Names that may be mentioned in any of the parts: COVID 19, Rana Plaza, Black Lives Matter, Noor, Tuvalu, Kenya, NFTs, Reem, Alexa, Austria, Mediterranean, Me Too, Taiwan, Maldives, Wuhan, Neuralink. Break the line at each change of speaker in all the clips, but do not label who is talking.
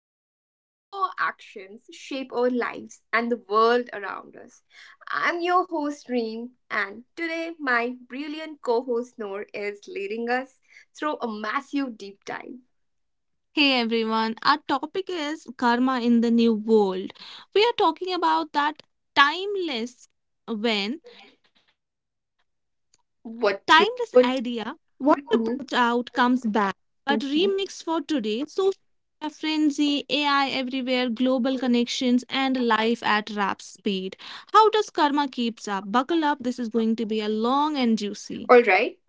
unpack how our actions shape our lives and the world around us. I'm your host, Reem, and today my brilliant co host, Noor, is leading us through a massive deep dive.
Hey everyone, our topic is karma in the new world. We are talking about that timeless when timeless idea
What you
what to
put.
put out comes
Mm-hmm.
back, but remix for today, social media frenzy, AI everywhere, global connections, and life at rap speed. How does karma keeps up? Buckle up, this is going to be a long and juicy.
All right.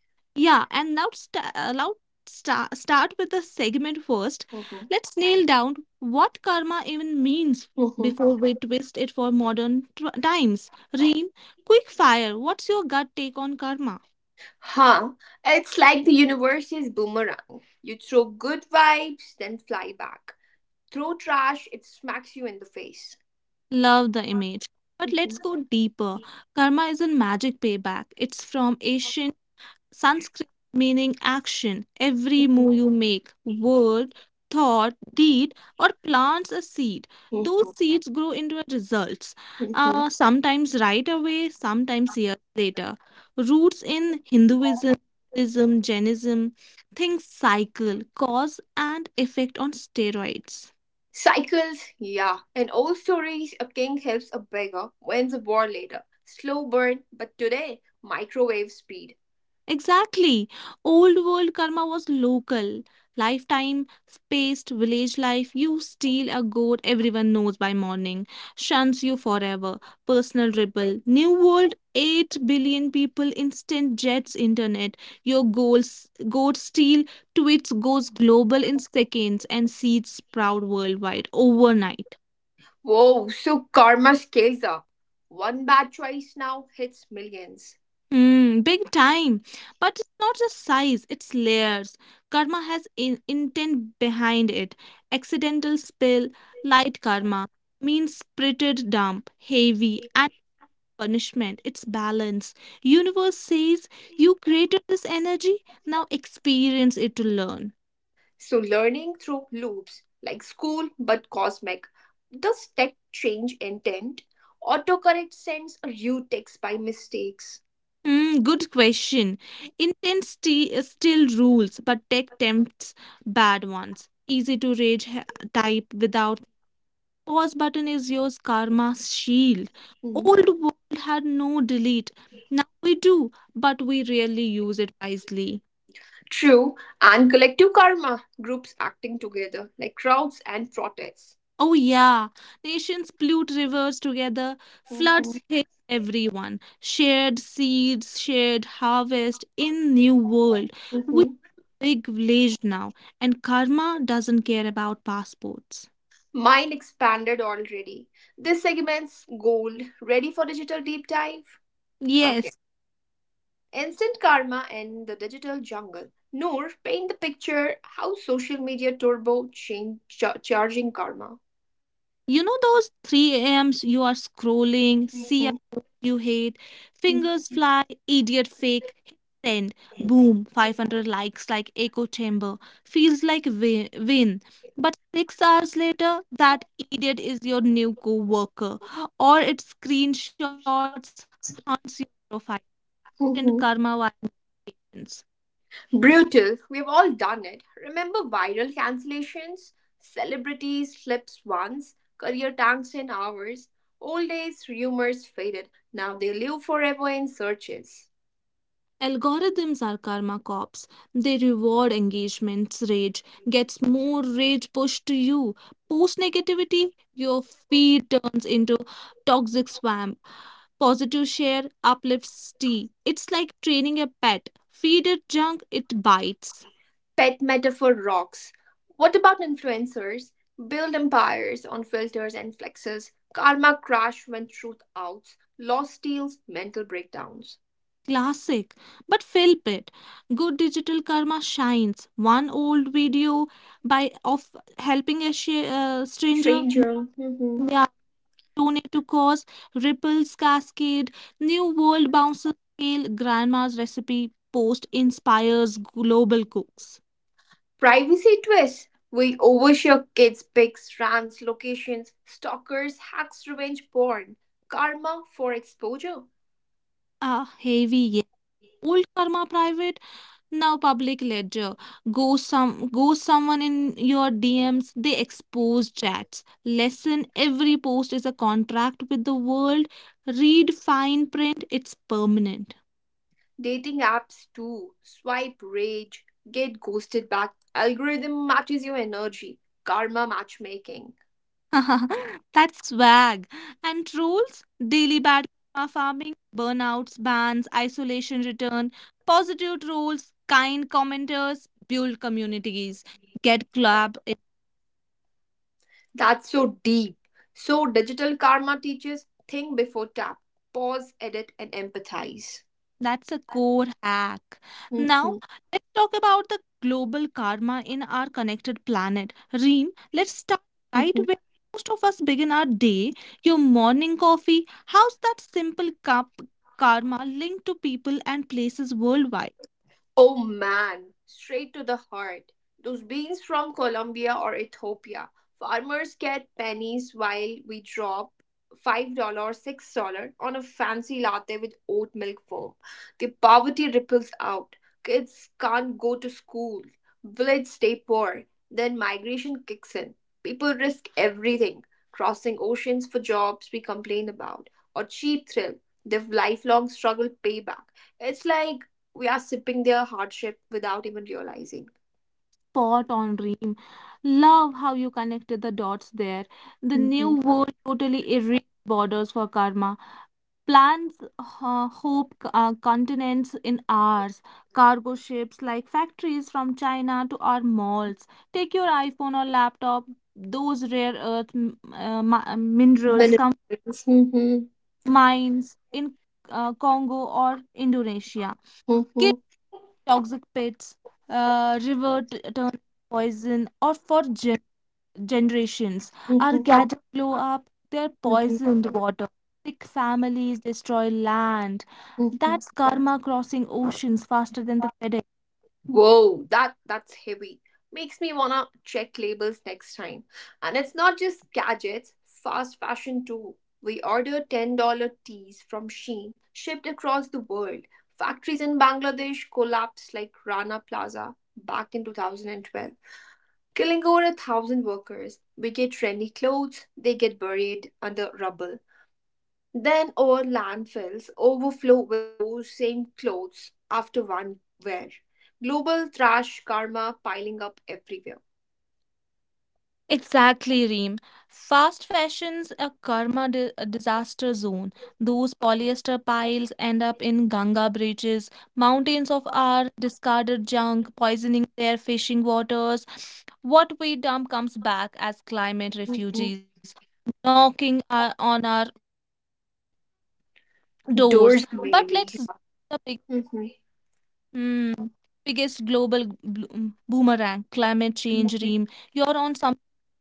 Yeah, and now start with the segment first.
Mhm.
Let's nail down what karma even means
Mhm.
before we twist it for modern times. Reem, quick fire. What's your gut take on karma?
Huh. It's like the universe is boomerang. You throw good vibes, then fly back. Throw trash, it smacks you in the face.
Love the image. But let's
Mhm,
go deeper. Karma isn't magic payback. It's from Asian Sanskrit meaning action. Every
mhm,
move you make, word, thought, deed, or plants a seed. Those
mhm,
seeds grow into results,
mhm.
sometimes right away, sometimes years later. Roots in Hinduism, Buddhism, Jainism, things cycle, cause and effect on steroids.
Cycles, yeah. In old stories, a king helps a beggar, wins a war later. Slow burn, but today, microwave speed.
Exactly. Old world karma was local, lifetime, spaced village life. You steal a goat, everyone knows by morning, shuns you forever. Personal ripple. New world, 8 billion people, instant jets, internet. Your goals, goat steal, tweets goes global in seconds, and seeds sprout worldwide overnight.
Whoa, so karma scales up. One bad choice now hits millions.
Big time. But it's not just size, it's layers. Karma has intent behind it. Accidental spill, light karma, mean spirited dump, heavy, and punishment. It's balance. Universe says you created this energy, now experience it to learn.
So, learning through loops like school but cosmic. Does text change intent? Autocorrect sends a rude text by mistakes.
Good question. Intensity is still rules, but tech tempts bad ones. Easy to rage type without pause button is your karma's shield.
Mm.
Old world had no delete. Now we do, but we rarely use it wisely.
True, and collective karma, groups acting together like crowds and protests.
Oh yeah, nations pollute rivers together,
Mhm,
floods hit everyone. Shared seeds, shared harvest in new world. We are
mhm.
a big village now, and karma doesn't care about passports.
Mine expanded already. This segment's gold. Ready for digital deep dive?
Yes.
Okay. Instant karma and the digital jungle. Noor, paint the picture how social media turbo change charging karma.
You know those 3 a.m.s you are scrolling, see a
Mhm.
post you hate, fingers fly, idiot fake, hit send, boom, 500 likes like echo chamber. Feels like win, win. But 6 hours later, that idiot is your new co-worker. Or it screenshots haunts your profile. And karma
Mhm.
violations.
Brutal. We've all done it. Remember viral cancellations? Celebrities flips once, career tanks in hours. Old days rumors faded. Now they live forever in searches.
Algorithms are karma cops. They reward engagements. Rage gets more rage pushed to you. Post negativity, your feed turns into toxic swamp. Positive share uplifts tea. It's like training a pet. Feed it junk, it bites.
Pet metaphor rocks. What about influencers? Build empires on filters and flexes. Karma crash when truth outs. Lost deals, mental breakdowns.
Classic, but flip it. Good digital karma shines. One old video by of helping a stranger.
Stranger. Mhm.
Yeah. Tornado cause, ripples cascade, new world bounces scale, grandma's recipe post inspires global cooks.
Privacy twists. We overshare kids' pics, rants, locations, stalkers, hacks, revenge porn. Karma for exposure.
Ah, heavy yeah. Old karma private, now public ledger. Go someone in your DMs, they expose chats. Lesson every post is a contract with the world. Read fine print, it's permanent.
Dating apps too. Swipe rage, get ghosted back. Algorithm matches your energy. Karma matchmaking.
That's swag. And rules daily bad karma farming, burnouts, bans, isolation return, positive rules, kind commenters, build communities, get club. It-
That's so deep. So digital karma teaches think before tap, pause, edit, and empathize.
that's a core hack. Now,
Mhm,
let's talk about the global karma in our connected planet. Reem, let's start right
mhm.
where most of us begin our day. Your morning coffee, how's that simple cup karma linked to people and places worldwide?
Oh man, straight to the heart. Those beans from Colombia or Ethiopia. Farmers get pennies while we drop $5, dollars $6 on a fancy latte with oat milk foam. The poverty ripples out. Kids can't go to school. Village stay poor. Then migration kicks in. People risk everything. Crossing oceans for jobs we complain about. Or cheap thrill. The lifelong struggle payback. It's like we are sipping their hardship without even realizing.
Spot on dream. Love how you connected the dots there. The new
Mhm.
world totally erased borders for karma. Plans hope continents in hours. Cargo ships like factories from China to our malls. Take your iPhone or laptop. Those rare earth minerals come
Benefits. Mhm,
mines in Congo or Indonesia. Kids
mhm,
toxic pits, river turn poison, or for generations are
mhm,
gathered to blow up their
mhm,
poisoned water. Sick families destroy land.
mhm.
That's karma crossing oceans faster than the FedEx.
Whoa, that's heavy. Makes me wanna check labels next time. And it's not just gadgets, fast fashion too. We order $10 teas from Shein, shipped across the world. Factories in Bangladesh collapsed like Rana Plaza back in 2012, killing over a thousand workers. We get trendy clothes, they get buried under rubble. Then our landfills overflow with those same clothes after one wear. Global trash karma piling up everywhere.
Exactly, Reem. Fast fashion's a karma a disaster zone. Those polyester piles end up in Ganga bridges. Mountains of our discarded junk poisoning their fishing waters. What we dump comes back as climate
Mhm.
refugees, knocking on our doors. But let's zoom
Doors,
the
maybe.
mm, biggest global boomerang, climate change. Reem,
Mhm.
you're on something there.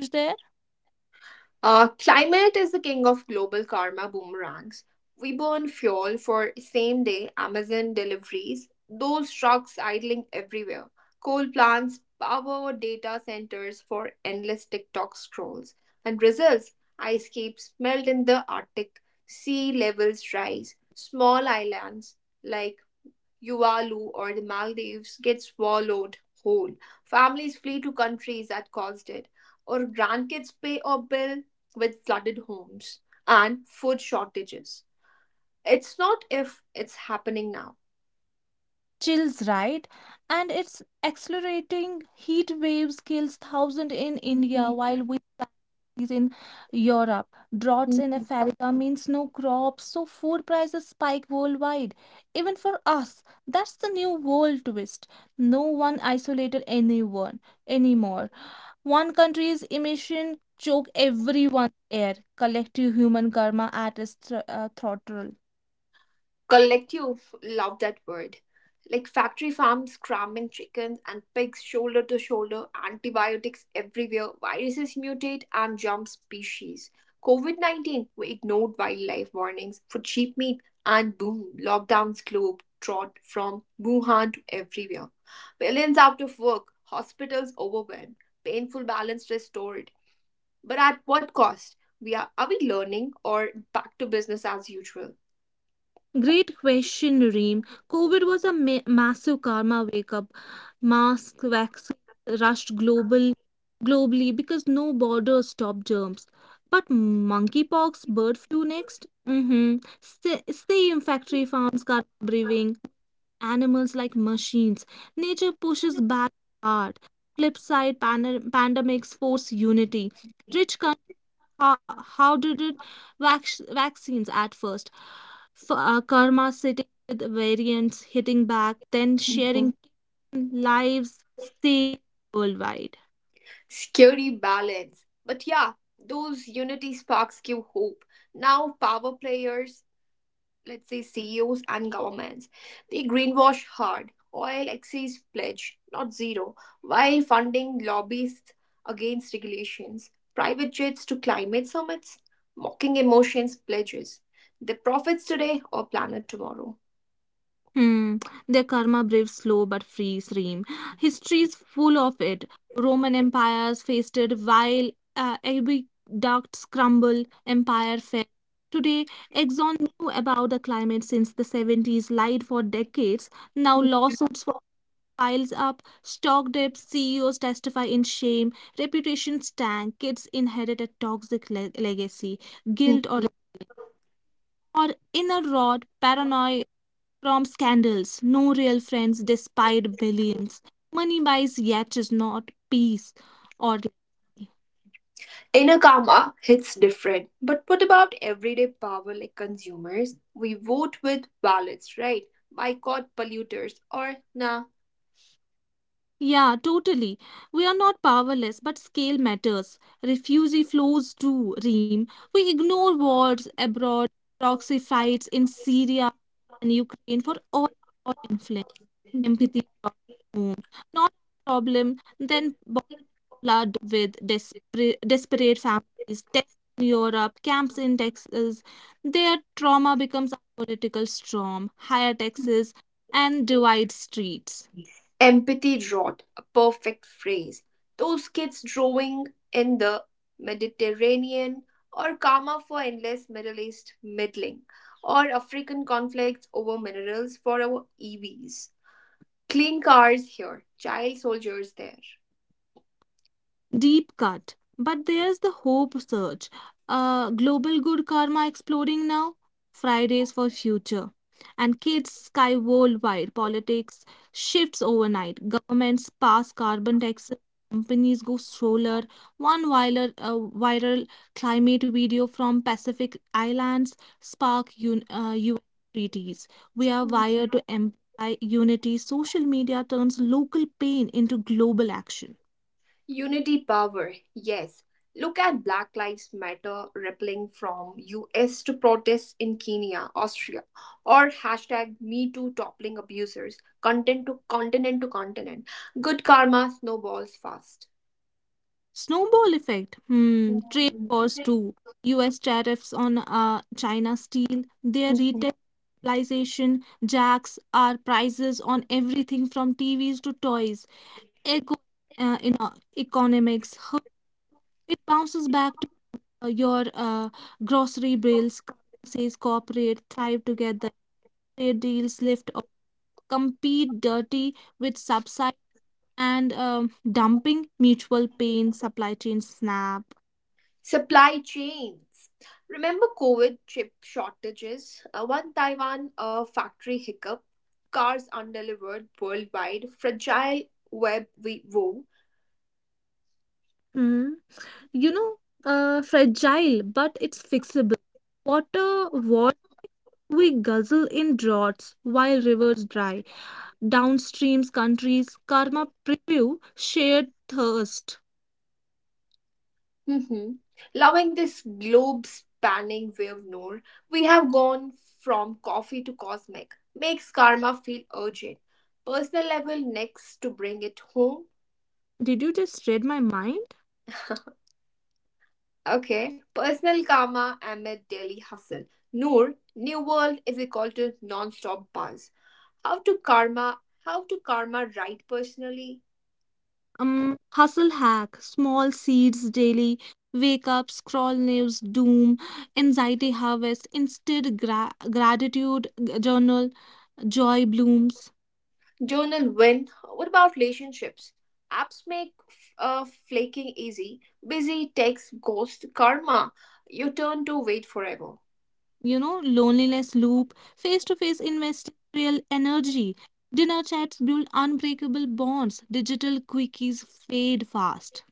Climate is the king of global karma boomerangs. We burn fuel for same day Amazon deliveries, those trucks idling everywhere, coal plants, power data centers for endless TikTok scrolls. And results ice caps melt in the Arctic, sea levels rise, small islands like Tuvalu, or the Maldives get swallowed whole. Families flee to countries that caused it, or grandkids pay a bill with flooded homes and food shortages. It's not if, it's happening now.
Chills right, and its accelerating heat waves kills thousands in
Mhm.
India, while we is in Europe, droughts in Africa means no crops, so food prices spike worldwide even for us. That's the new world twist. No one isolated anyone anymore. One country's emission choke everyone's air, collective human karma at its throttle.
Collective, love that word. Like factory farms cramming chickens and pigs shoulder to shoulder, antibiotics everywhere, viruses mutate and jump species. COVID 19, we ignored wildlife warnings for cheap meat, and boom, lockdowns globe trot from Wuhan to everywhere. Millions out of work, hospitals overwhelmed, painful balance restored. But at what cost? Are we learning or back to business as usual?
Great question, Reem. COVID was a massive karma wake up. Masks, vaccines rushed globally because no borders stopped germs. But monkeypox, bird flu next. Mm-hmm. Same factory farms, karma brewing, animals like machines. Nature pushes back hard. Flip side, pandemics force unity. Rich how did it vaccines at first? Karma sitting with variants, hitting back, then sharing
Mhm.
lives saved worldwide.
Scary balance. But yeah, those unity sparks give hope. Now, power players, let's say CEOs and governments, they greenwash hard. Oil excise pledge, not zero, while funding lobbyists against regulations, private jets to climate summits, mocking emotions pledges. The profits today or planet tomorrow.
Hmm. Their karma brave, slow but free stream. History is full of it. Roman empires faced it while aqueducts crumble, empire fell. Today, Exxon knew about the climate since the 70s, lied for decades. Now lawsuits piles up, stock dips, CEOs testify in shame, reputations tank, kids inherit a toxic legacy, guilt or inner rot, paranoia from scandals, no real friends despite billions. Money buys yet is not peace or.
Inner karma hits different. But what about everyday power like consumers? We vote with ballots, right? Boycott polluters or nah.
Yeah, totally. We are not powerless, but scale matters. Refugee flows too, Reem. We ignore wars abroad, proxy fights in Syria and Ukraine for all our influence.
Mhm.
Empathy brought home. Not a problem, then blood with desperate families, tents in Europe, camps in Texas. Their trauma becomes a political storm, higher taxes, and divide streets.
Empathy drought, a perfect phrase. Those kids drawing in the Mediterranean or karma for endless Middle East meddling or African conflicts over minerals for our EVs. Clean cars here, child soldiers there.
Deep cut. But there's the hope search. Global good karma exploding now. Fridays for future. And kids sky worldwide. Politics shifts overnight. Governments pass carbon taxes. Companies go solar. One viral climate video from Pacific Islands spark UN treaties. We are
Mhm.
wired to amplify unity. Social media turns local pain into global action.
Unity power, yes. Look at Black Lives Matter rippling from US to protests in Kenya, Austria, or hashtag Me Too toppling abusers, content to continent to continent. Good karma snowballs fast.
Snowball effect. Hmm. Trade
Mhm.
wars too. U.S. tariffs on China steel, their
Mhm.
retailization jacks our prices on everything from TVs to toys. Eco uh, in uh, economics. How it bounces back to your grocery bills. Says cooperate, thrive together. Trade deals lift off. Compete dirty with subside and dumping. Mutual pain. Supply chain snap.
Supply chains. Remember COVID chip shortages? One Taiwan factory hiccup, cars undelivered worldwide, fragile web we wove.
Hmm. you know, fragile, but it's fixable. Water wars we guzzle in droughts while rivers dry. Downstreams countries karma preview shared thirst.
Mm-hmm. Loving this globe spanning wave nor, we have gone from coffee to cosmic. Makes karma feel urgent. Personal level next to bring it home.
Did you just read my mind?
Okay, personal karma amid daily hustle. Noor, new world is equal to non-stop buzz. How to karma? How to karma right personally?
Hustle hack, small seeds daily, wake up, scroll news, doom, anxiety harvest, instead gratitude journal, joy blooms.
Journal win. What about relationships? Apps make flaking easy. Busy text ghost karma. You turn to wait forever.
Loneliness loop, face to face investing real energy. Dinner chats build unbreakable bonds. Digital quickies fade fast.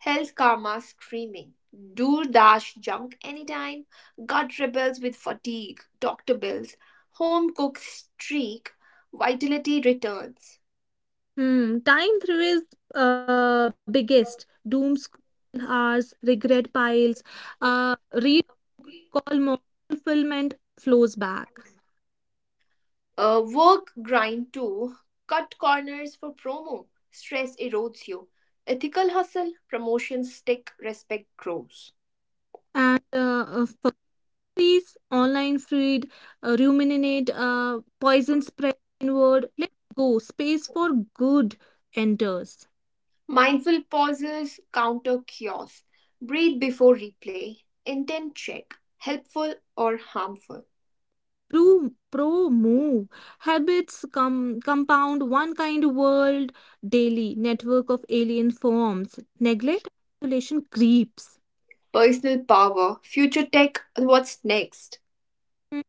Health Karma screaming. Do dash junk anytime. Gut rebels with fatigue. Doctor bills. Home cook streak. Vitality returns.
Hmm, time through is biggest. Doom scroll hours, regret piles, read call more, fulfillment flows back.
Work grind too. Cut corners for promo. Stress erodes you. Ethical hustle. Promotions stick. Respect grows.
And for peace, online feed, ruminate, poison spread inward. Let's go. Space for good enters.
Mindful pauses counter chaos. Breathe before replay. Intent check. Helpful or harmful.
Pro move. Habits compound one kind world daily, network of alien forms. Neglect, isolation creeps.
Personal power. Future tech. What's next?
Hmm.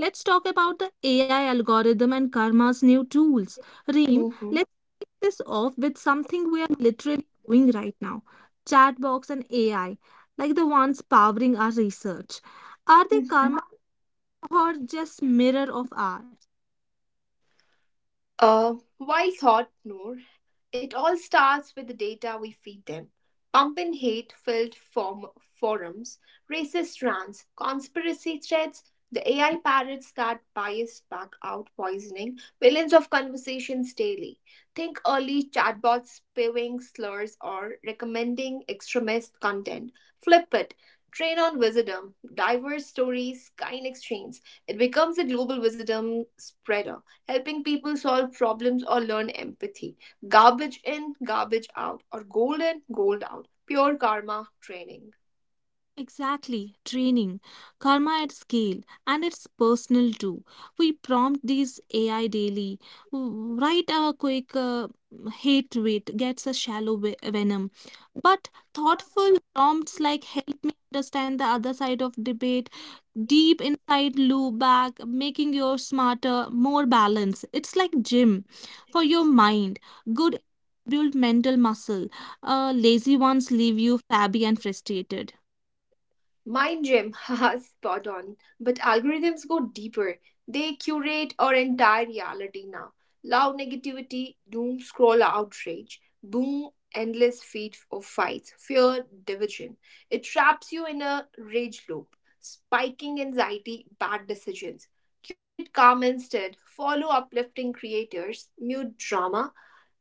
Let's talk about the AI algorithm and karma's new tools. Reem,
hmm
let's kick this off with something we are literally doing right now. Chatbox and AI, like the ones powering our research. Are they karma or just mirror of our?
Uh, Wise thought, Noor. It all starts with the data we feed them. Pump in hate filled forums, racist rants, conspiracy threats, the AI parrots that bias back out poisoning millions of conversations daily. Think early chatbots spewing slurs or recommending extremist content. Flip it. Train on wisdom, diverse stories, kind exchange. It becomes a global wisdom spreader, helping people solve problems or learn empathy. Garbage in, garbage out, or gold in, gold out. Pure karma training.
Exactly, training, karma at scale, and it's personal too. We prompt these AI daily. W- write a quick hate tweet gets a shallow venom, but thoughtful prompts like help me understand the other side of debate, deep inside loop back, making you smarter, more balanced. It's like gym for your mind. Good build mental muscle. Lazy ones leave you flabby and frustrated.
Mind gym, haha, spot on. But algorithms go deeper. They curate our entire reality now. Loud negativity, doom scroll outrage, boom, endless feed of fights, fear, division. It traps you in a rage loop, spiking anxiety, bad decisions. Curate calm instead. Follow uplifting creators, mute drama.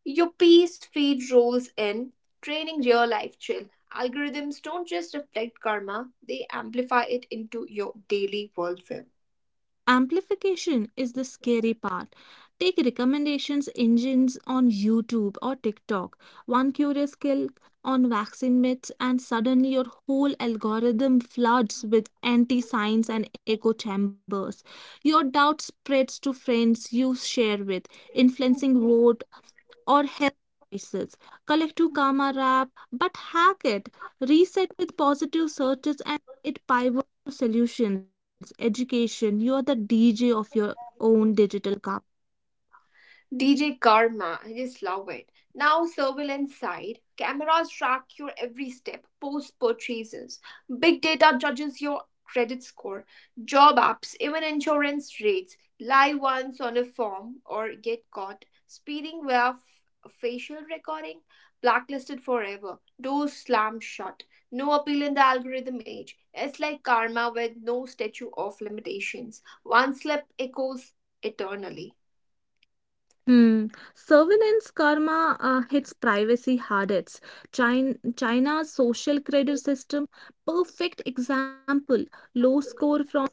Your piece feed rolls in, training real life chill. Algorithms don't just reflect karma, they amplify it into your daily worldview.
Amplification is the scary part. Take recommendations engines on YouTube or TikTok. One curious click on vaccine myths, and suddenly your whole algorithm floods with anti science and echo chambers. Your doubt spreads to friends you share with, influencing vote or health crisis. Collect to Karma Wrap, but hack it. Reset with positive searches and it pivots to solutions, education. You are the DJ of your own digital karma.
DJ Karma, I just love it. Now, surveillance side, cameras track your every step, post purchases, big data judges your credit score, job apps, even insurance rates, lie once on a form or get caught, speeding via facial recording, blacklisted forever, doors slam shut, no appeal in the algorithm age. It's like karma with no statute of limitations. One slip echoes eternally.
Hmm. Surveillance karma hits privacy hardest. China's social credit system, perfect example. Low score from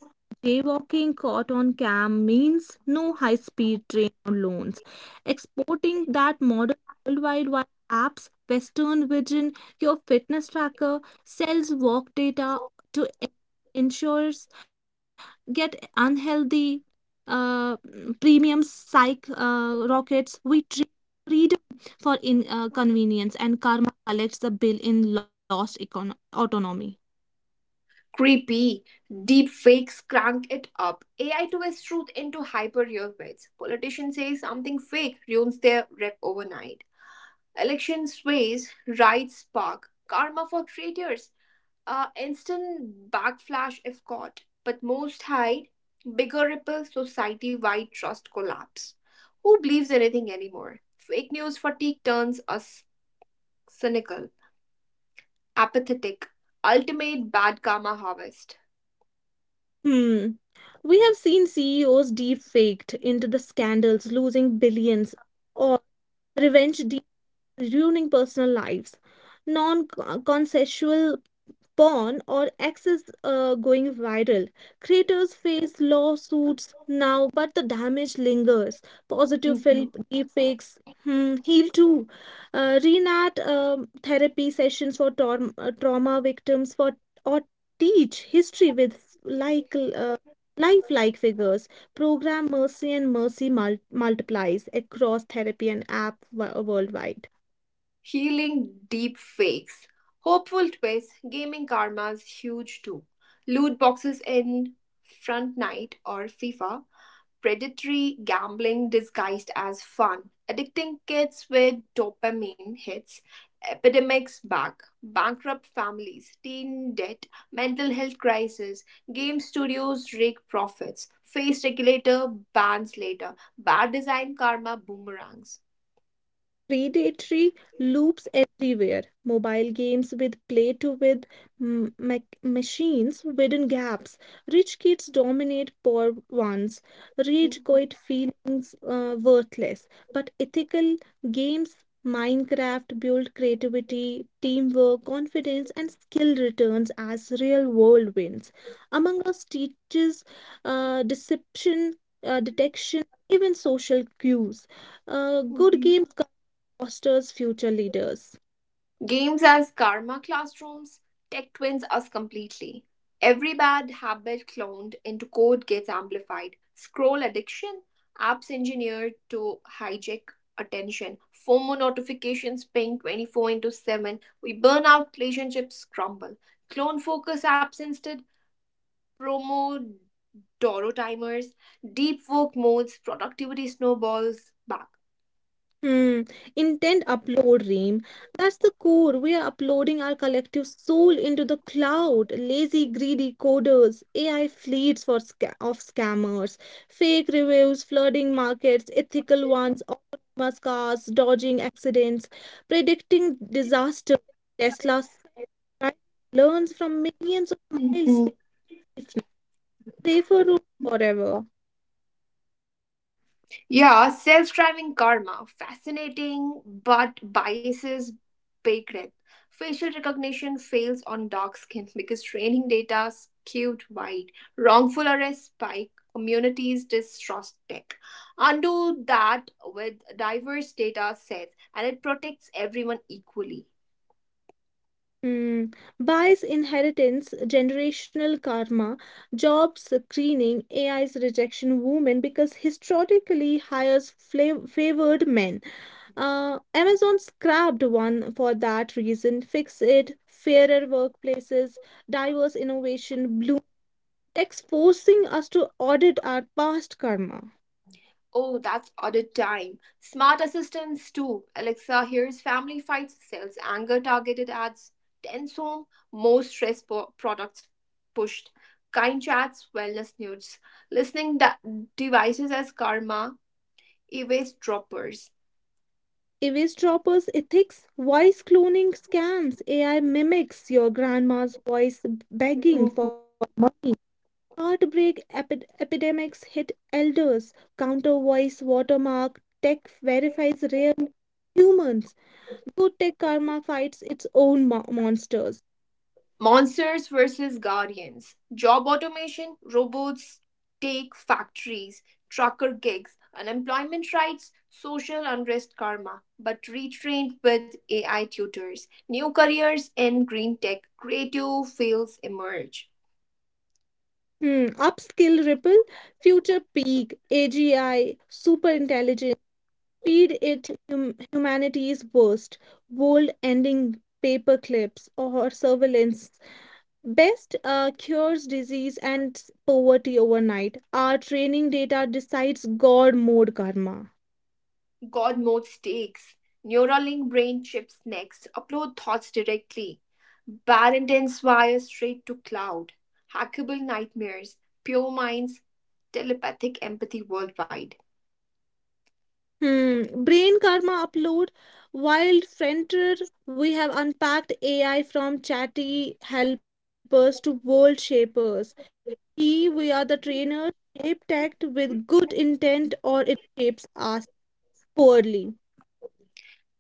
jaywalking caught on cam means no high-speed train or loans. Exporting that model worldwide via apps, Western Vision, your fitness tracker, sells walk data to insurers, get unhealthy uh, premium psych rockets. We trade freedom for in convenience, and karma collects the bill in lost autonomy.
Creepy. Deep fakes crank it up. AI twists truth into hyper real bits. Politician says something fake ruins their rep overnight. Election sways, riots spark. Karma for traitors. Instant backflash if caught. But most hide. Bigger ripple society wide trust collapse. Who believes anything anymore? Fake news fatigue turns us cynical, apathetic. Ultimate bad karma harvest.
Hmm. We have seen CEOs defaked into the scandals, losing billions, or revenge deals ruining personal lives. Non-consensual porn or access going viral. Creators face lawsuits now, but the damage lingers. Positive
Mm-hmm.
deepfakes hmm, heal too. Renat therapy sessions for trauma victims for or teach history with lifelike figures. Program Mercy and Mercy multiplies across therapy and app worldwide.
Healing deep fakes. Hopeful twist, gaming karma's huge too. Loot boxes in Front Night or FIFA. Predatory gambling disguised as fun. Addicting kids with dopamine hits. Epidemics back. Bankrupt families. Teen debt. Mental health crisis. Game studios rake profits. Face regulator bans later. Bad design karma boomerangs.
Predatory loops everywhere. Mobile games with play to with machines widen gaps. Rich kids dominate poor ones. Rage
Mhm.
quit feelings worthless. But ethical games, Minecraft build creativity, teamwork, confidence, and skill returns as real world wins. Among us teaches deception, detection, even social cues. Good
Mhm.
games fosters future leaders.
Games as karma classrooms, tech twins us completely. Every bad habit cloned into code gets amplified. Scroll addiction, apps engineered to hijack attention. FOMO notifications ping 24 into 7. We burn out, relationships crumble. Clone focus apps instead, promo Doro timers, deep work modes, productivity snowballs back.
Hmm. Intent upload, Reem. That's the core. We are uploading our collective soul into the cloud. Lazy, greedy coders, AI fleets for sca- of scammers, fake reviews, flooding markets, ethical ones, autonomous cars, dodging accidents, predicting disaster. Tesla self-driving learns from millions of miles safe, safer route forever.
Yeah, self driving karma. Fascinating, but biases baked in. Facial recognition fails on dark skin because training data skewed white. Wrongful arrest spike. Communities distrust tech. Undo that with diverse data sets and it protects everyone equally.
Hmm. Bias inheritance, generational karma, job screening, AI's rejection, women, because historically hires favored men. Amazon scrapped one for that reason. Fix it, fairer workplaces, diverse innovation, blue techs forcing us to audit our past karma.
Oh, that's audit time. Smart assistants too. Alexa hears family fights, sells anger targeted ads, tends home, more stress products pushed, kind chats, wellness nudes, listening devices as karma, evades droppers.
Evis droppers, ethics, voice cloning scams, AI mimics your grandma's voice begging
Mhm.
for money. Heartbreak epidemics hit elders. Counter voice watermark tech verifies rare humans. Good tech karma fights its own monsters.
Monsters versus Guardians. Job automation, robots take factories, trucker gigs, unemployment rights, social unrest karma, but retrained with AI tutors. New careers in green tech, creative fields emerge.
Hmm. Upskill ripple, future peak, AGI, super intelligence, feed it humanity's worst, bold ending paper clips or surveillance. Best cures disease and poverty overnight. Our training data decides God mode karma.
God mode stakes. Neuralink brain chips next. Upload thoughts directly. Bad intents straight to cloud. Hackable nightmares. Pure minds. Telepathic empathy worldwide.
Hmm. Brain karma upload. Wild frontier. We have unpacked AI from chatty helpers to world shapers. He, we are the trainer, shape tech with good intent, or it shapes us poorly.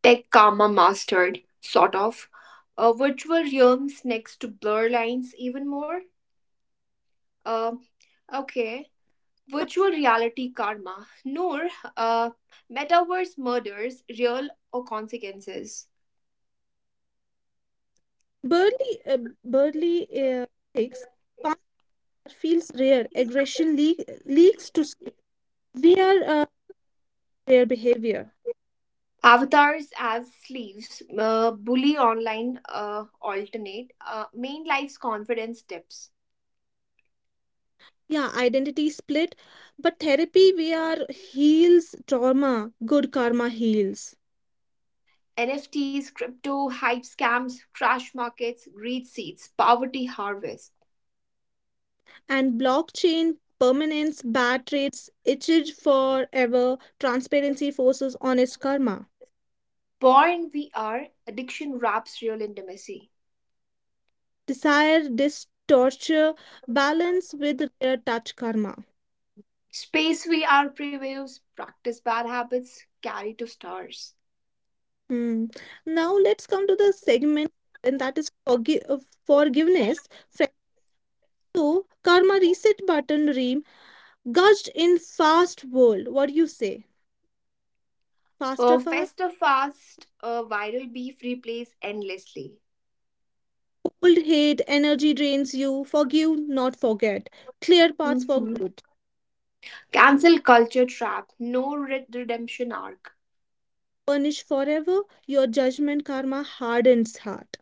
Tech karma mastered, sort of. Virtual realms next to blur lines even more. Uh, okay. Virtual reality karma. Noor, uh, metaverse murders, real or consequences?
Burly, uh, burly takes. Punch feels rare. Aggression leaks to. We are. Their behavior.
Avatars as sleeves, bully online alternate, main life's confidence tips.
Yeah, identity split, but therapy where heals trauma, good karma heals.
NFTs, crypto, hype scams, crash markets, greed seeds, poverty harvest.
And blockchain permanence, bad traits, itched forever, transparency forces honest karma.
Born VR, addiction wraps real intimacy.
Desire this balance with rare touch karma.
Space VR previews, practice bad habits, carry to stars.
Hmm. Now let's come to the segment, and that is forgiveness. Friends, so karma reset button re gushed in fast world. What do you say? Faster fast?
Festa fast, viral beef replays endlessly.
Old hate, energy drains you. Forgive, not forget. Clear paths for
Mhm.
good.
Cancel culture trap, no redemption arc.
Punish forever. Your judgment karma hardens heart.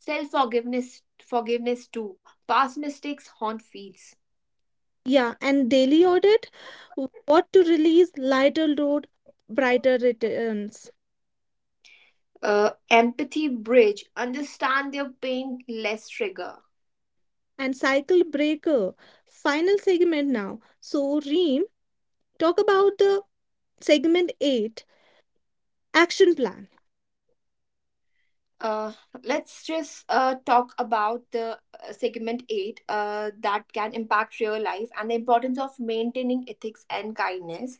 Self forgiveness, forgiveness too. Past mistakes haunt feeds.
Yeah, and daily audit. What to release? Lighter load, brighter returns.
Empathy bridge, understand their pain, less trigger.
And cycle breaker. Final segment now. So, Reem, talk about the segment 8 action plan.
Uh, let's just talk about the segment 8 that can impact real life and the importance of maintaining ethics and kindness.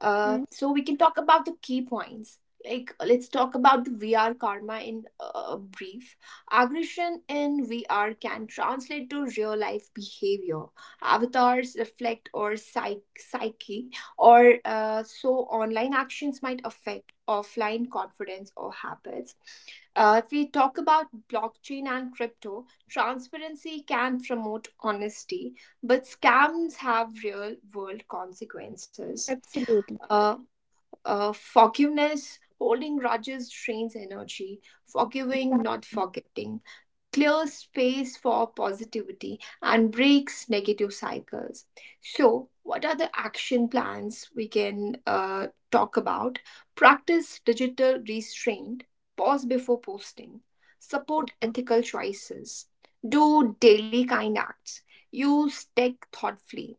Hmm.
So we can talk about the key points. Like let's talk about the VR karma in brief. Aggression in VR can translate to real life behavior. Avatars reflect or psyche or so online actions might affect offline confidence or habits if we talk about blockchain and crypto, transparency can promote honesty, but scams have real world consequences.
Absolutely.
Uh, forgiveness, holding grudges drains energy, forgiving, not forgetting clears space for positivity and breaks negative cycles. So, what are the action plans we can talk about? Practice digital restraint, pause before posting, support
Exactly.
ethical choices, do daily kind acts, use tech thoughtfully,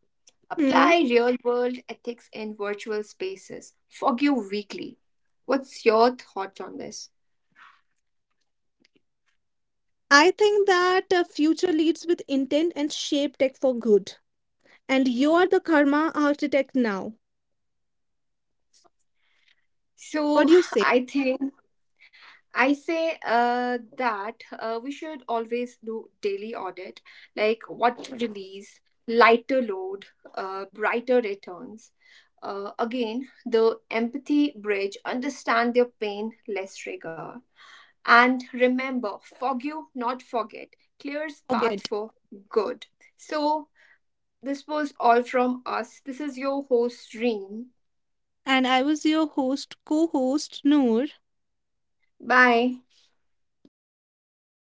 Hmm.
apply real world ethics in virtual spaces, forgive weekly. What's your thoughts on this?
I think that future leads with intent and shape tech for good. And you are the karma architect now.
So,
What do you say?
I think I say that we should always do daily audit, like what to release, lighter load, brighter returns. Again, the empathy bridge, understand their pain, less rigor. And remember, forgive, not forget, clears path
Forget.
for good. So, this was all from us. This is your host, Reem.
And I was your co host, Noor.
Bye.
Bye bye. Thank